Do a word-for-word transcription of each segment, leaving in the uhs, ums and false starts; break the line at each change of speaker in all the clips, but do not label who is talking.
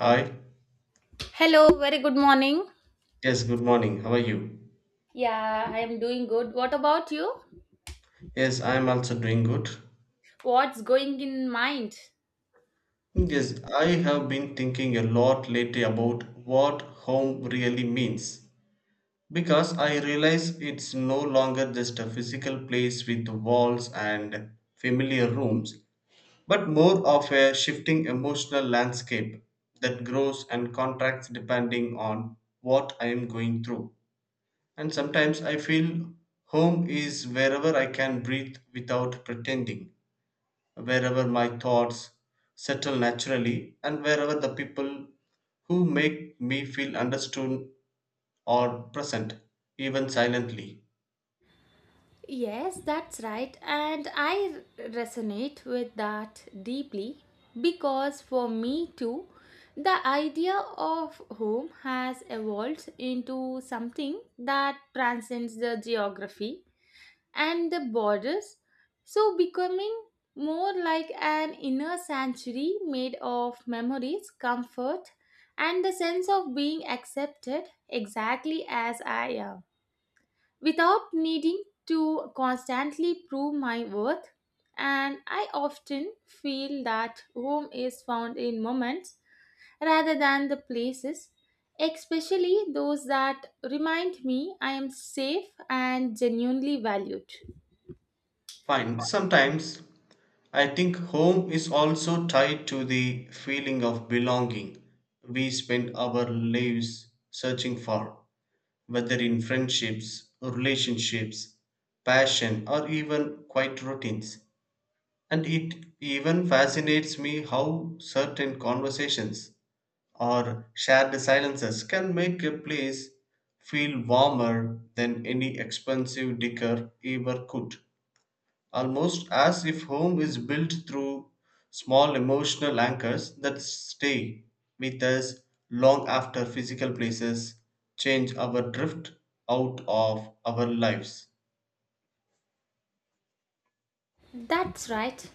Hi.
Hello, very good morning.
Yes, good morning. How are you?
Yeah, I am doing good. What about you?
Yes, I am also doing good.
What's going in mind?
Yes, I have been thinking a lot lately about what home really means, because I realize it's no longer just a physical place with walls and familiar rooms, but more of a shifting emotional landscape that grows and contracts depending on what I am going through. And sometimes I feel home is wherever I can breathe without pretending, wherever my thoughts settle naturally, and wherever the people who make me feel understood are present, even silently.
Yes, that's right. And I resonate with that deeply because for me too, the idea of home has evolved into something that transcends the geography and the borders, so becoming more like an inner sanctuary made of memories, comfort, and the sense of being accepted exactly as I am, without needing to constantly prove my worth. And I often feel that home is found in moments rather than the places, especially those that remind me I am safe and genuinely valued.
Fine, sometimes I think home is also tied to the feeling of belonging we spend our lives searching for, whether in friendships, relationships, passion, or even quiet routines. And it even fascinates me how certain conversations or shared silences can make a place feel warmer than any expensive decor ever could. Almost as if home is built through small emotional anchors that stay with us long after physical places change our drift out of our lives.
That's right.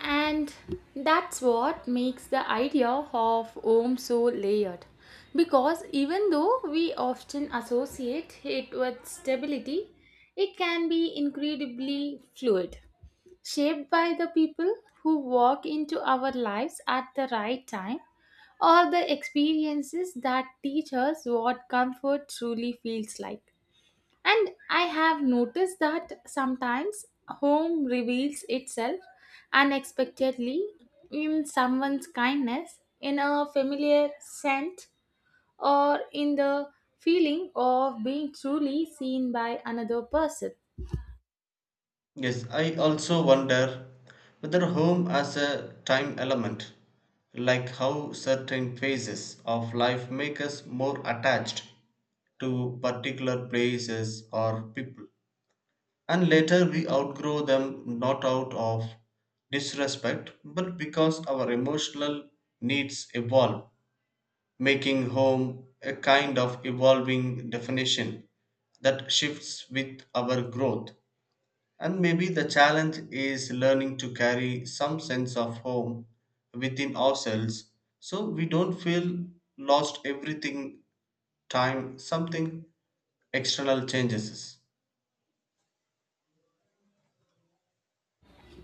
And that's what makes the idea of home so layered. Because even though we often associate it with stability, it can be incredibly fluid, shaped by the people who walk into our lives at the right time or the experiences that teach us what comfort truly feels like. And I have noticed that sometimes home reveals itself unexpectedly in someone's kindness, in a familiar scent, or in the feeling of being truly seen by another person.
Yes, I also wonder whether home as a time element, like how certain phases of life make us more attached to particular places or people. And later we outgrow them, not out of disrespect, but because our emotional needs evolve, making home a kind of evolving definition that shifts with our growth. And maybe the challenge is learning to carry some sense of home within ourselves, so we don't feel lost everything time something external changes.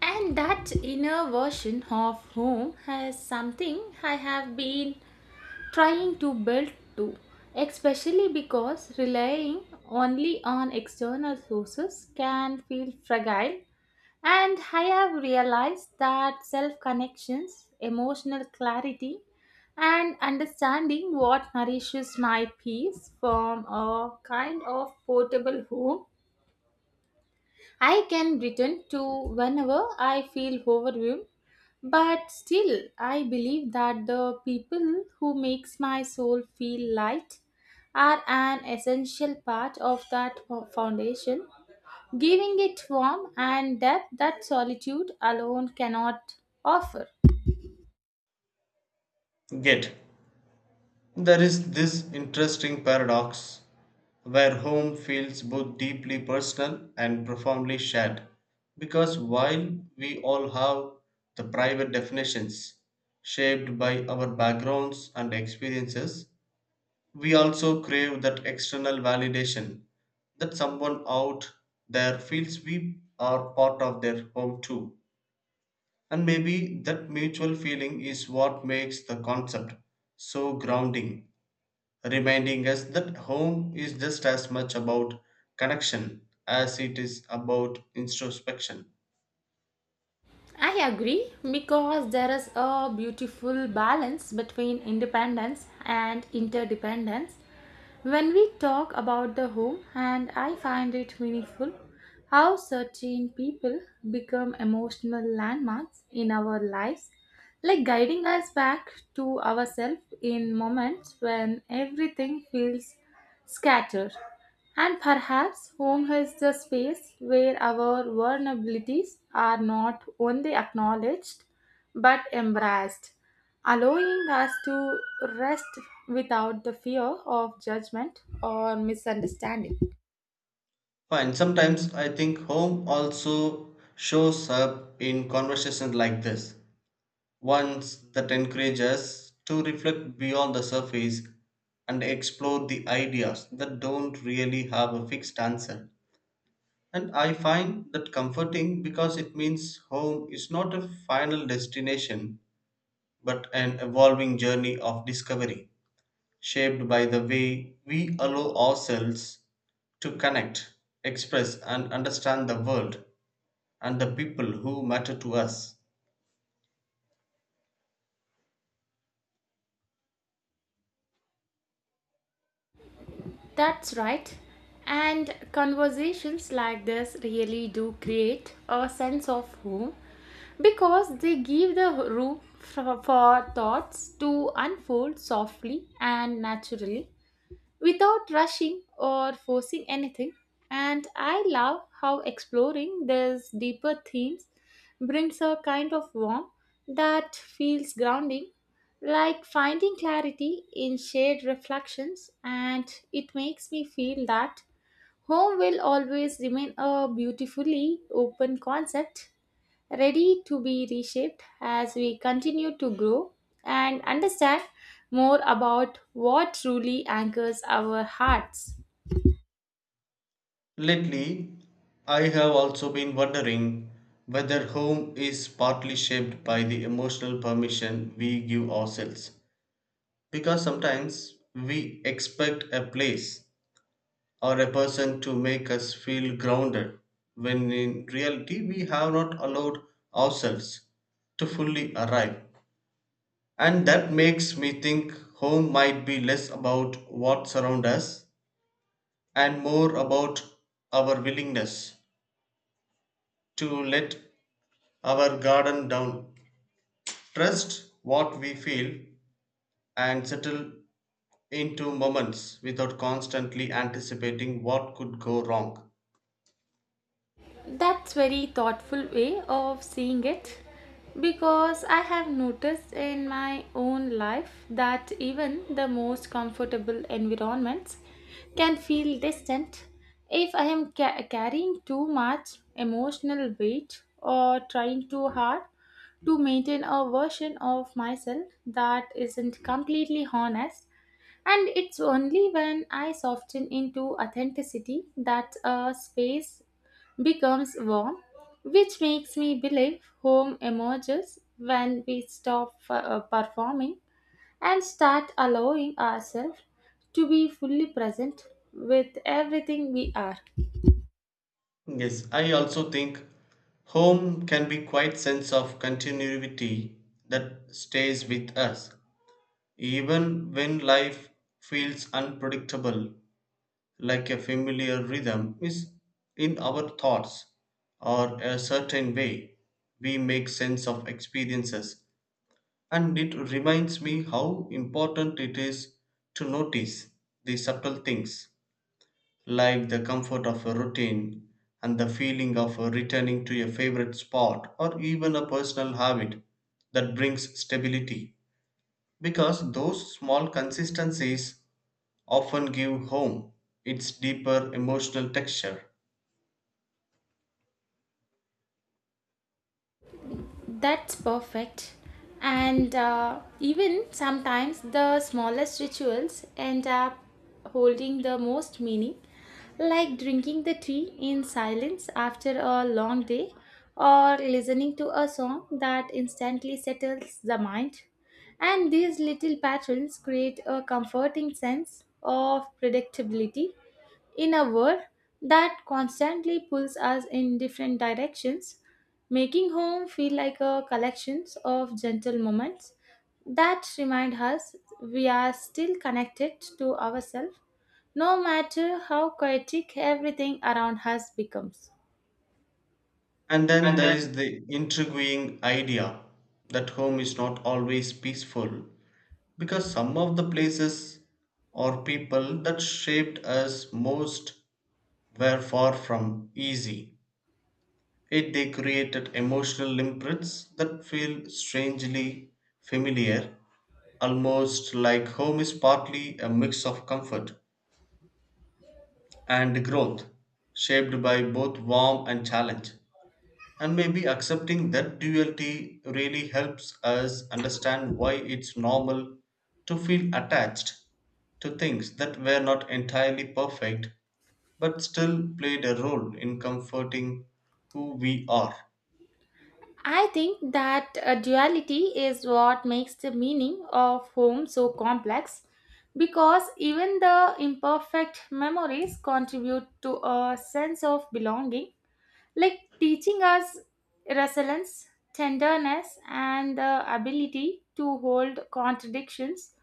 And that inner version of home has something I have been trying to build too, especially because relying only on external sources can feel fragile. And I have realized that self connections, emotional clarity, and understanding what nourishes my peace form a kind of portable home I can return to whenever I feel overwhelmed. But still, I believe that the people who makes my soul feel light are an essential part of that fo- foundation, giving it form and depth that solitude alone cannot offer.
Yet, there is this interesting paradox where home feels both deeply personal and profoundly shared. Because while we all have the private definitions shaped by our backgrounds and experiences, we also crave that external validation, that someone out there feels we are part of their home too. And maybe that mutual feeling is what makes the concept so grounding, reminding us that home is just as much about connection as it is about introspection.
I agree because there is a beautiful balance between independence and interdependence. When we talk about the home, and I find it meaningful how certain people become emotional landmarks in our lives, like guiding us back to ourselves in moments when everything feels scattered. And perhaps home is the space where our vulnerabilities are not only acknowledged but embraced, allowing us to rest without the fear of judgment or misunderstanding.
Fine, sometimes I think home also shows up in conversations like this, ones that encourage us to reflect beyond the surface and explore the ideas that don't really have a fixed answer. And I find that comforting, because it means home is not a final destination but an evolving journey of discovery, shaped by the way we allow ourselves to connect, express, and understand the world and the people who matter to us.
That's right. And conversations like this really do create a sense of home because they give the room for, for thoughts to unfold softly and naturally without rushing or forcing anything. And I love how exploring these deeper themes brings a kind of warmth that feels grounding, like finding clarity in shared reflections. And it makes me feel that home will always remain a beautifully open concept, ready to be reshaped as we continue to grow and understand more about what truly anchors our hearts.
Lately, I have also been wondering whether home is partly shaped by the emotional permission we give ourselves. Because sometimes we expect a place or a person to make us feel grounded, when in reality we have not allowed ourselves to fully arrive. And that makes me think home might be less about what surrounds us and more about our willingness to let our garden down, trust what we feel, and settle into moments without constantly anticipating what could go wrong.
That's very thoughtful way of seeing it, because I have noticed in my own life that even the most comfortable environments can feel distant if I am ca- carrying too much emotional weight or trying too hard to maintain a version of myself that isn't completely honest. And it's only when I soften into authenticity that a space becomes warm, which makes me believe home emerges when we stop uh, performing and start allowing ourselves to be fully present with everything we are.
Yes, I also think home can be quite sense of continuity that stays with us. Even when life feels unpredictable, like a familiar rhythm is in our thoughts, or a certain way we make sense of experiences. And it reminds me how important it is to notice the subtle things, like the comfort of a routine and the feeling of returning to a favorite spot, or even a personal habit that brings stability. Because those small consistencies often give home its deeper emotional texture.
That's perfect. And uh, even sometimes the smallest rituals end up holding the most meaning, like drinking the tea in silence after a long day or listening to a song that instantly settles the mind. And these little patterns create a comforting sense of predictability in a world that constantly pulls us in different directions, making home feel like a collection of gentle moments that remind us we are still connected to ourselves, no matter how chaotic everything around us becomes.
And then there is the intriguing idea that home is not always peaceful, because some of the places or people that shaped us most were far from easy. Yet they created emotional imprints that feel strangely familiar, almost like home is partly a mix of comfort and growth, shaped by both warmth and challenge. And maybe accepting that duality really helps us understand why it's normal to feel attached to things that were not entirely perfect but still played a role in comforting who we are.
I think that uh, duality is what makes the meaning of home so complex, because even the imperfect memories contribute to a sense of belonging, like teaching us resilience, tenderness, and the ability to hold contradictions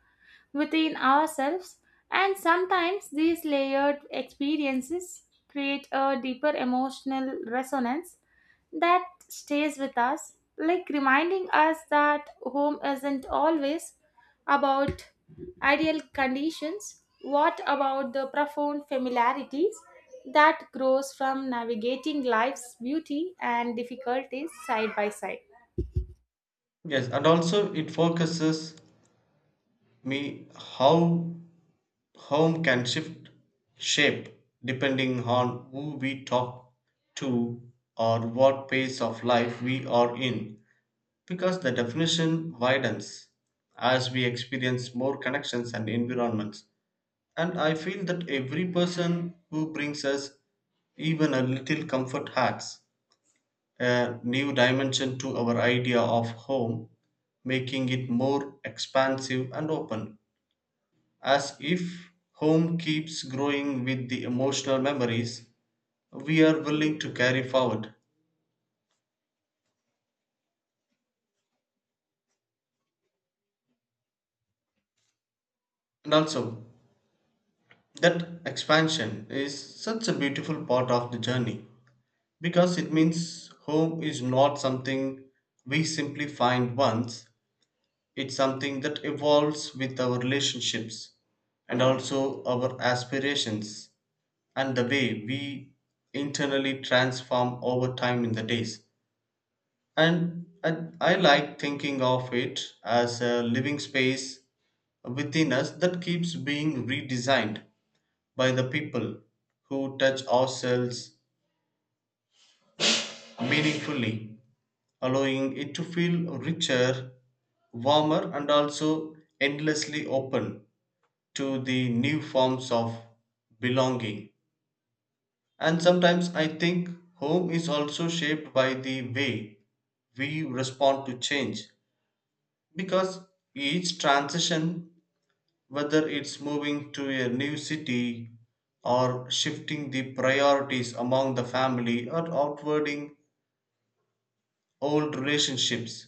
within ourselves. And sometimes these layered experiences create a deeper emotional resonance that stays with us, like reminding us that home isn't always about ideal conditions. What about the profound familiarities that grows from navigating life's beauty and difficulties side by side?
Yes, and also it focuses me how home can shift shape depending on who we talk to or what pace of life we are in. Because the definition widens as we experience more connections and environments. And I feel that every person who brings us even a little comfort adds a new dimension to our idea of home, making it more expansive and open. As if home keeps growing with the emotional memories we are willing to carry forward. And also, that expansion is such a beautiful part of the journey. Because it means home is not something we simply find once, it's something that evolves with our relationships and also our aspirations and the way we internally transform over time in the days. And I, I like thinking of it as a living space within us that keeps being redesigned by the people who touch ourselves meaningfully, allowing it to feel richer, warmer, and also endlessly open to the new forms of belonging. And sometimes I think home is also shaped by the way we respond to change, because each transition, whether it's moving to a new city or shifting the priorities among the family or outwarding old relationships,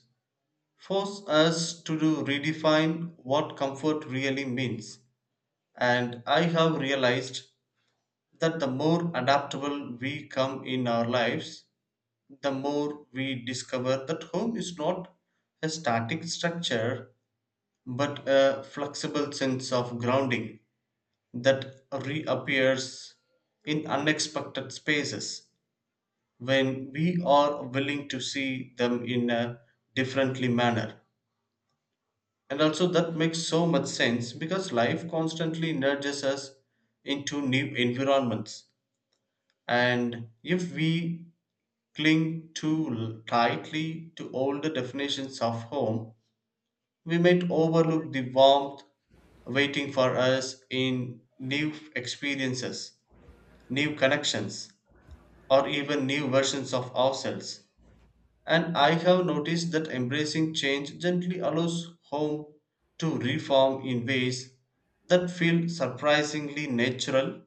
force us to do redefine what comfort really means. And I have realized that the more adaptable we come in our lives, the more we discover that home is not a static structure but a flexible sense of grounding that reappears in unexpected spaces when we are willing to see them in a differently manner. And also, that makes so much sense, because life constantly nudges us into new environments. And if we cling too tightly to older definitions of home, we might overlook the warmth waiting for us in new experiences, new connections, or even new versions of ourselves. And I have noticed that embracing change gently allows home to reform in ways that feel surprisingly natural,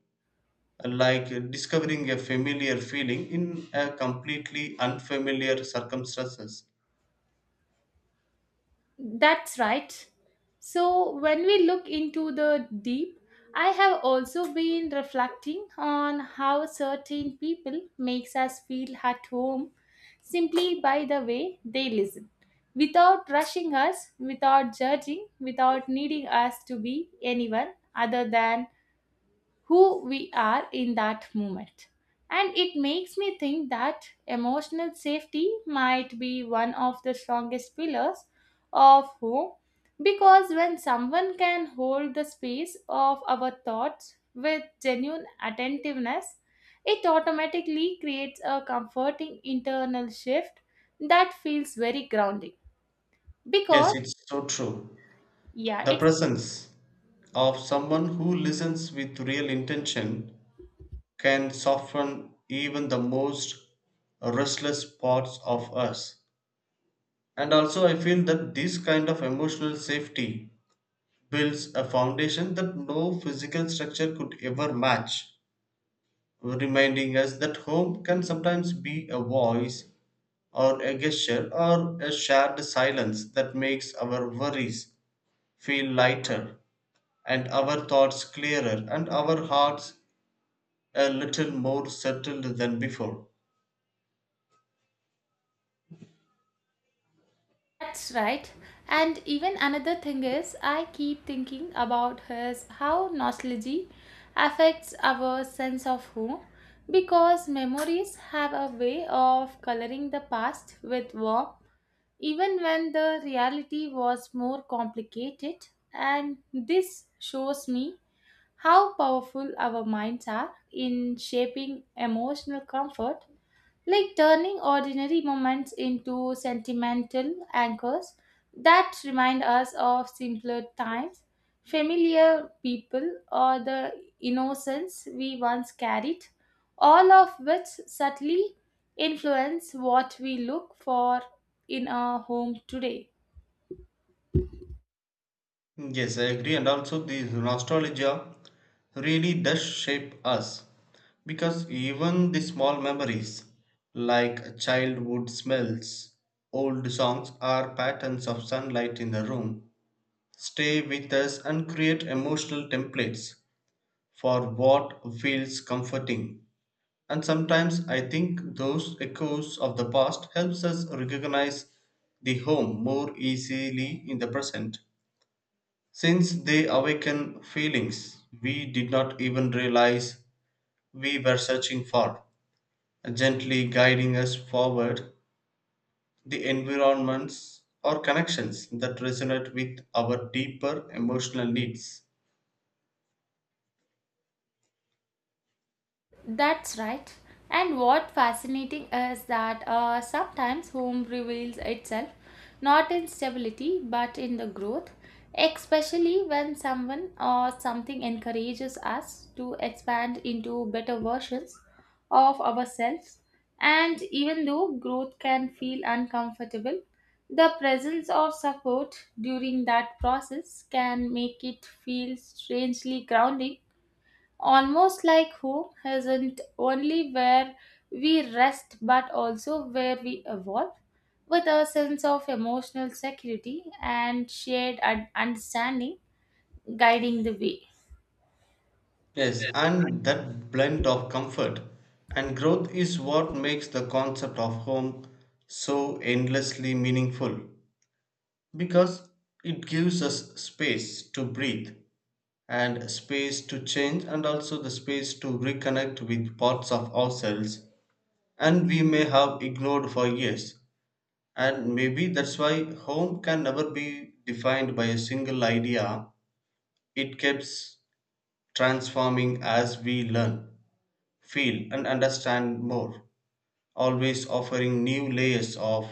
like discovering a familiar feeling in a completely unfamiliar circumstances.
That's right. So, when we look into the deep, I have also been reflecting on how certain people makes us feel at home simply by the way they listen, without rushing us, without judging, without needing us to be anyone other than who we are in that moment. And it makes me think that emotional safety might be one of the strongest pillars of who, because when someone can hold the space of our thoughts with genuine attentiveness, it automatically creates a comforting internal shift that feels very grounding. Because,
Yes, it's so true.
yeah,
The
it's.
presence of someone who listens with real intention can soften even the most restless parts of us. And also, I feel that this kind of emotional safety builds a foundation that no physical structure could ever match, reminding us that home can sometimes be a voice or a gesture or a shared silence that makes our worries feel lighter and our thoughts clearer and our hearts a little more settled than before.
That's right. And even another thing is, I keep thinking about his how nostalgia affects our sense of who, because memories have a way of coloring the past with warmth, even when the reality was more complicated. And this shows me how powerful our minds are in shaping emotional comfort, like turning ordinary moments into sentimental anchors that remind us of simpler times, familiar people, or the innocence we once carried, all of which subtly influence what we look for in our home today.
Yes, I agree, and also the nostalgia really does shape us, because even the small memories, like childhood smells, old songs, or patterns of sunlight in the room, stay with us and create emotional templates for what feels comforting. And sometimes I think those echoes of the past helps us recognize the home more easily in the present. Since they awaken feelings we did not even realize we were searching for, gently guiding us forward, the environments or connections that resonate with our deeper emotional needs.
That's right. And what fascinating is that uh, sometimes home reveals itself not in stability but in the growth, especially when someone or something encourages us to expand into better versions of ourselves. And even though growth can feel uncomfortable, the presence of support during that process can make it feel strangely grounding. Almost like home isn't only where we rest but also where we evolve with a sense of emotional security and shared un- understanding guiding the way.
Yes, and that blend of comfort and growth is what makes the concept of home so endlessly meaningful, because it gives us space to breathe and space to change and also the space to reconnect with parts of ourselves, and we may have ignored for years. And maybe that's why home can never be defined by a single idea, it keeps transforming as we learn, feel, and understand more, always offering new layers of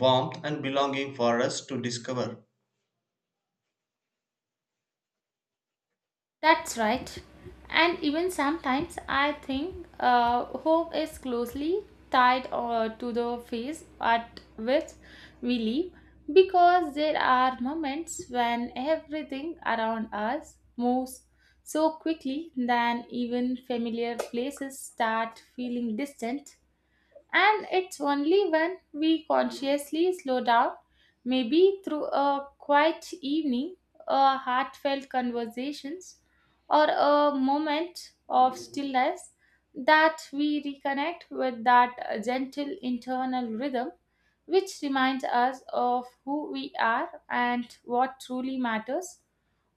warmth and belonging for us to discover.
That's right. And even sometimes I think uh, hope is closely tied uh, to the phase at which we live, because there are moments when everything around us moves so quickly that even familiar places start feeling distant, and it's only when we consciously slow down, maybe through a quiet evening, a heartfelt conversations, or a moment of stillness, that we reconnect with that gentle internal rhythm which reminds us of who we are and what truly matters,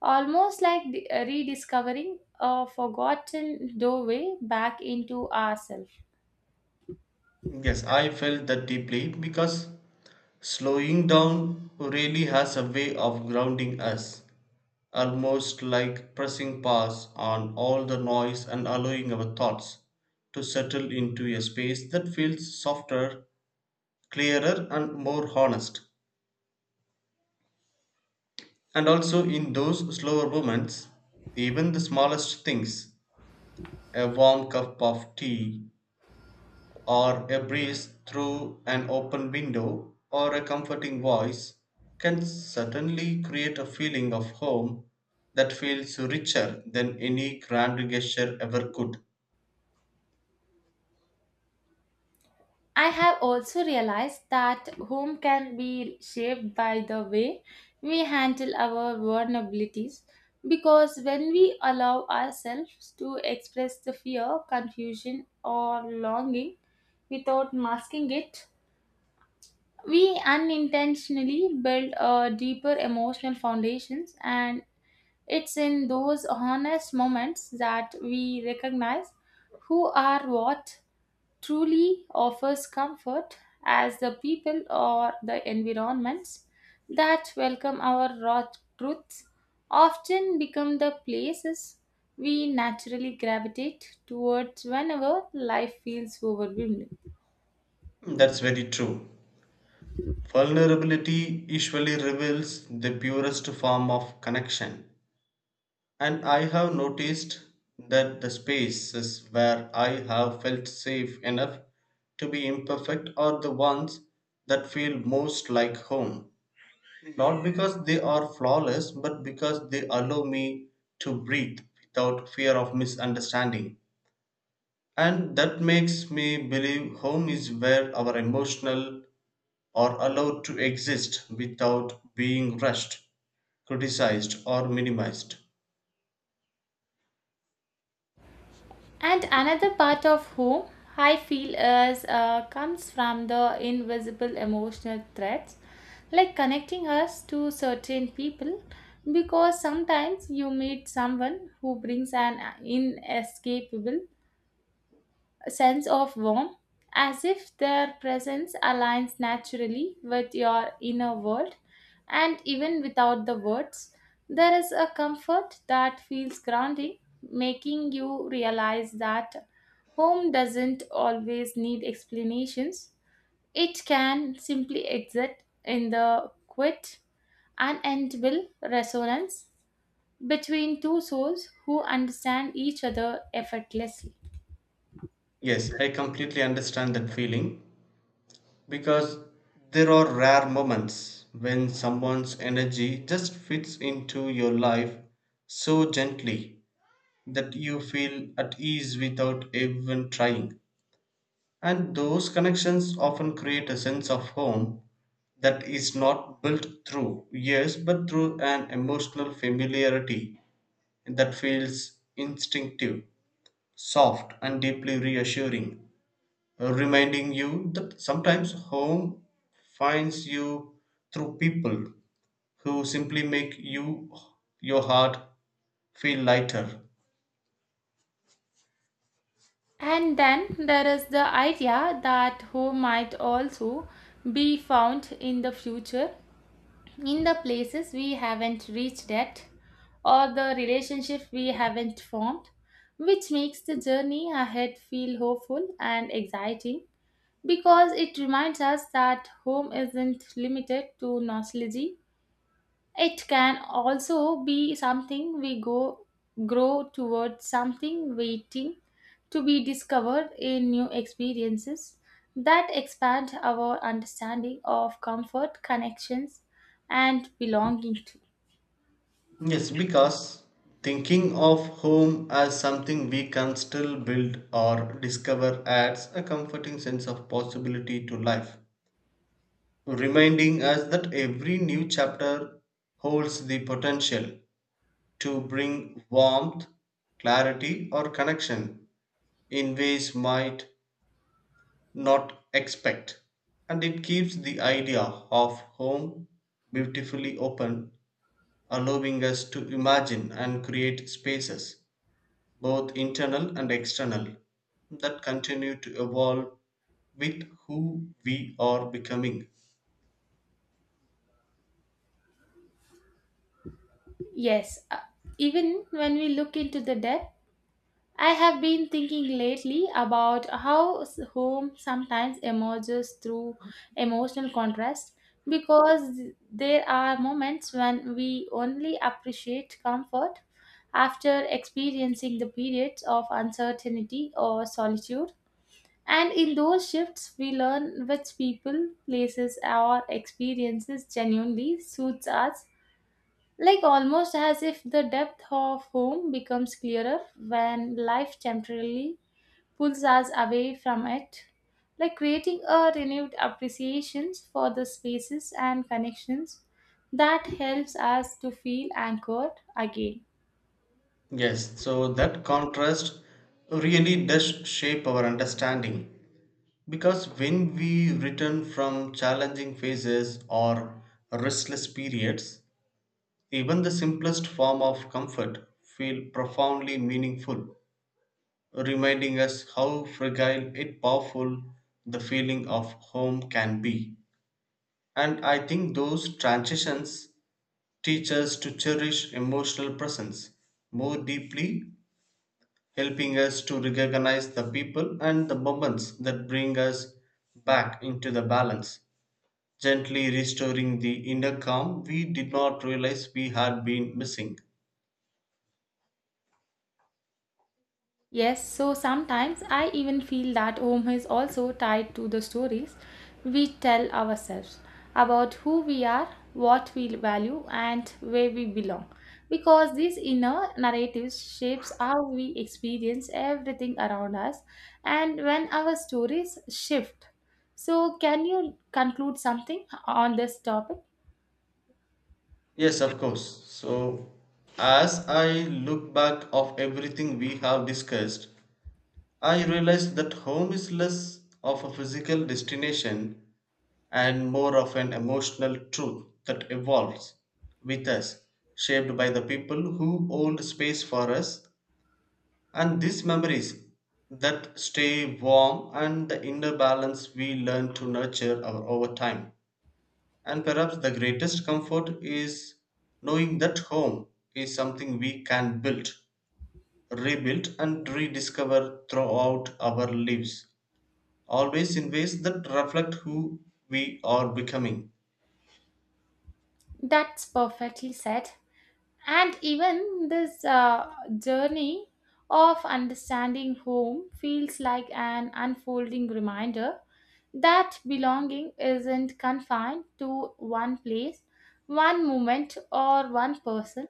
almost like the- rediscovering a forgotten doorway back into ourselves.
Yes, I felt that deeply, because slowing down really has a way of grounding us, almost like pressing pause on all the noise and allowing our thoughts to settle into a space that feels softer, clearer, and more honest. And also, in those slower moments, even the smallest things, a warm cup of tea, or a breeze through an open window, or a comforting voice, can certainly create a feeling of home that feels richer than any grand gesture ever could.
I have also realized that home can be shaped by the way we handle our vulnerabilities, because when we allow ourselves to express the fear, confusion, or longing without masking it, we unintentionally build a deeper emotional foundations. And it's in those honest moments that we recognize who are what truly offers comfort, as the people or the environments that welcome our raw truths often become the places we naturally gravitate towards whenever life feels overwhelming.
That's very true. Vulnerability usually reveals the purest form of connection. And I have noticed that the spaces where I have felt safe enough to be imperfect are the ones that feel most like home. Not because they are flawless, but because they allow me to breathe without fear of misunderstanding. And that makes me believe home is where our emotional are allowed to exist without being rushed, criticized, or minimized.
And another part of whom I feel is uh, comes from the invisible emotional threads, like connecting us to certain people, because sometimes you meet someone who brings an inescapable sense of warmth, as if their presence aligns naturally with your inner world. And even without the words, there is a comfort that feels grounding, making you realize that home doesn't always need explanations. It can simply exist in the quiet, unendable resonance between two souls who understand each other effortlessly.
Yes, I completely understand that feeling, because there are rare moments when someone's energy just fits into your life so gently that you feel at ease without even trying. And those connections often create a sense of home that is not built through years but through an emotional familiarity that feels instinctive, soft, and deeply reassuring, reminding you that sometimes home finds you through people who simply make you your heart feel lighter.
And then there is the idea that home might also be found in the future, in the places we haven't reached yet, or the relationship we haven't formed, which makes the journey ahead feel hopeful and exciting, because it reminds us that home isn't limited to nostalgia. It can also be something we go grow towards, something waiting to be discovered in new experiences that expand our understanding of comfort, connections, and belonging to.
Yes, because thinking of home as something we can still build or discover adds a comforting sense of possibility to life, reminding us that every new chapter holds the potential to bring warmth, clarity, or connection in ways might not expect. And it keeps the idea of home beautifully open, allowing us to imagine and create spaces, both internal and external, that continue to evolve with who we are becoming.
Yes, uh, even when we look into the depth, I have been thinking lately about how s- home sometimes emerges through emotional contrast, because there are moments when we only appreciate comfort after experiencing the periods of uncertainty or solitude. And in those shifts, we learn which people, places, or experiences genuinely suits us, like almost as if the depth of home becomes clearer when life temporarily pulls us away from it, like creating a renewed appreciation for the spaces and connections that helps us to feel anchored again.
Yes, so that contrast really does shape our understanding. Because when we return from challenging phases or restless periods, even the simplest form of comfort feel profoundly meaningful, reminding us how fragile yet powerful the feeling of home can be. And I think those transitions teach us to cherish emotional presence more deeply, helping us to recognize the people and the moments that bring us back into the balance, gently restoring the inner calm we did not realize we had been missing.
Yes, so sometimes I even feel that home is also tied to the stories we tell ourselves about who we are, what we value, and where we belong. Because these inner narratives shapes how we experience everything around us and when our stories shift. So can you conclude something on this topic?
Yes, of course. So, as I look back of everything we have discussed, I realize that home is less of a physical destination and more of an emotional truth that evolves with us, shaped by the people who hold space for us, and these memories that stay warm, and the inner balance we learn to nurture our, over time. And perhaps the greatest comfort is knowing that home is something we can build, rebuild, and rediscover throughout our lives, always in ways that reflect who we are becoming.
That's perfectly said. And even this uh, journey of understanding home feels like an unfolding reminder that belonging isn't confined to one place, one moment, or one person.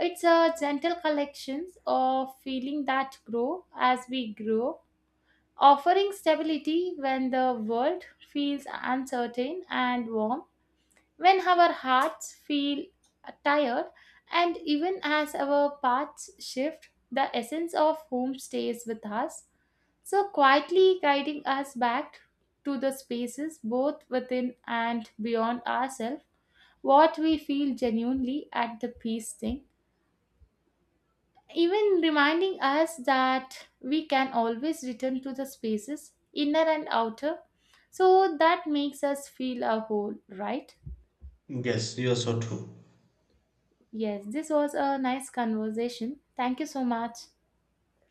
It's a gentle collection of feeling that grow as we grow, offering stability when the world feels uncertain, and warm when our hearts feel tired. And even as our paths shift, the essence of home stays with us, so quietly guiding us back to the spaces both within and beyond ourselves, what we feel genuinely at the peace thing, even reminding us that we can always return to the spaces inner and outer, so that makes us feel a whole, right?
Yes, you are so true.
Yes, this was a nice conversation. Thank you so much.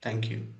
Thank you.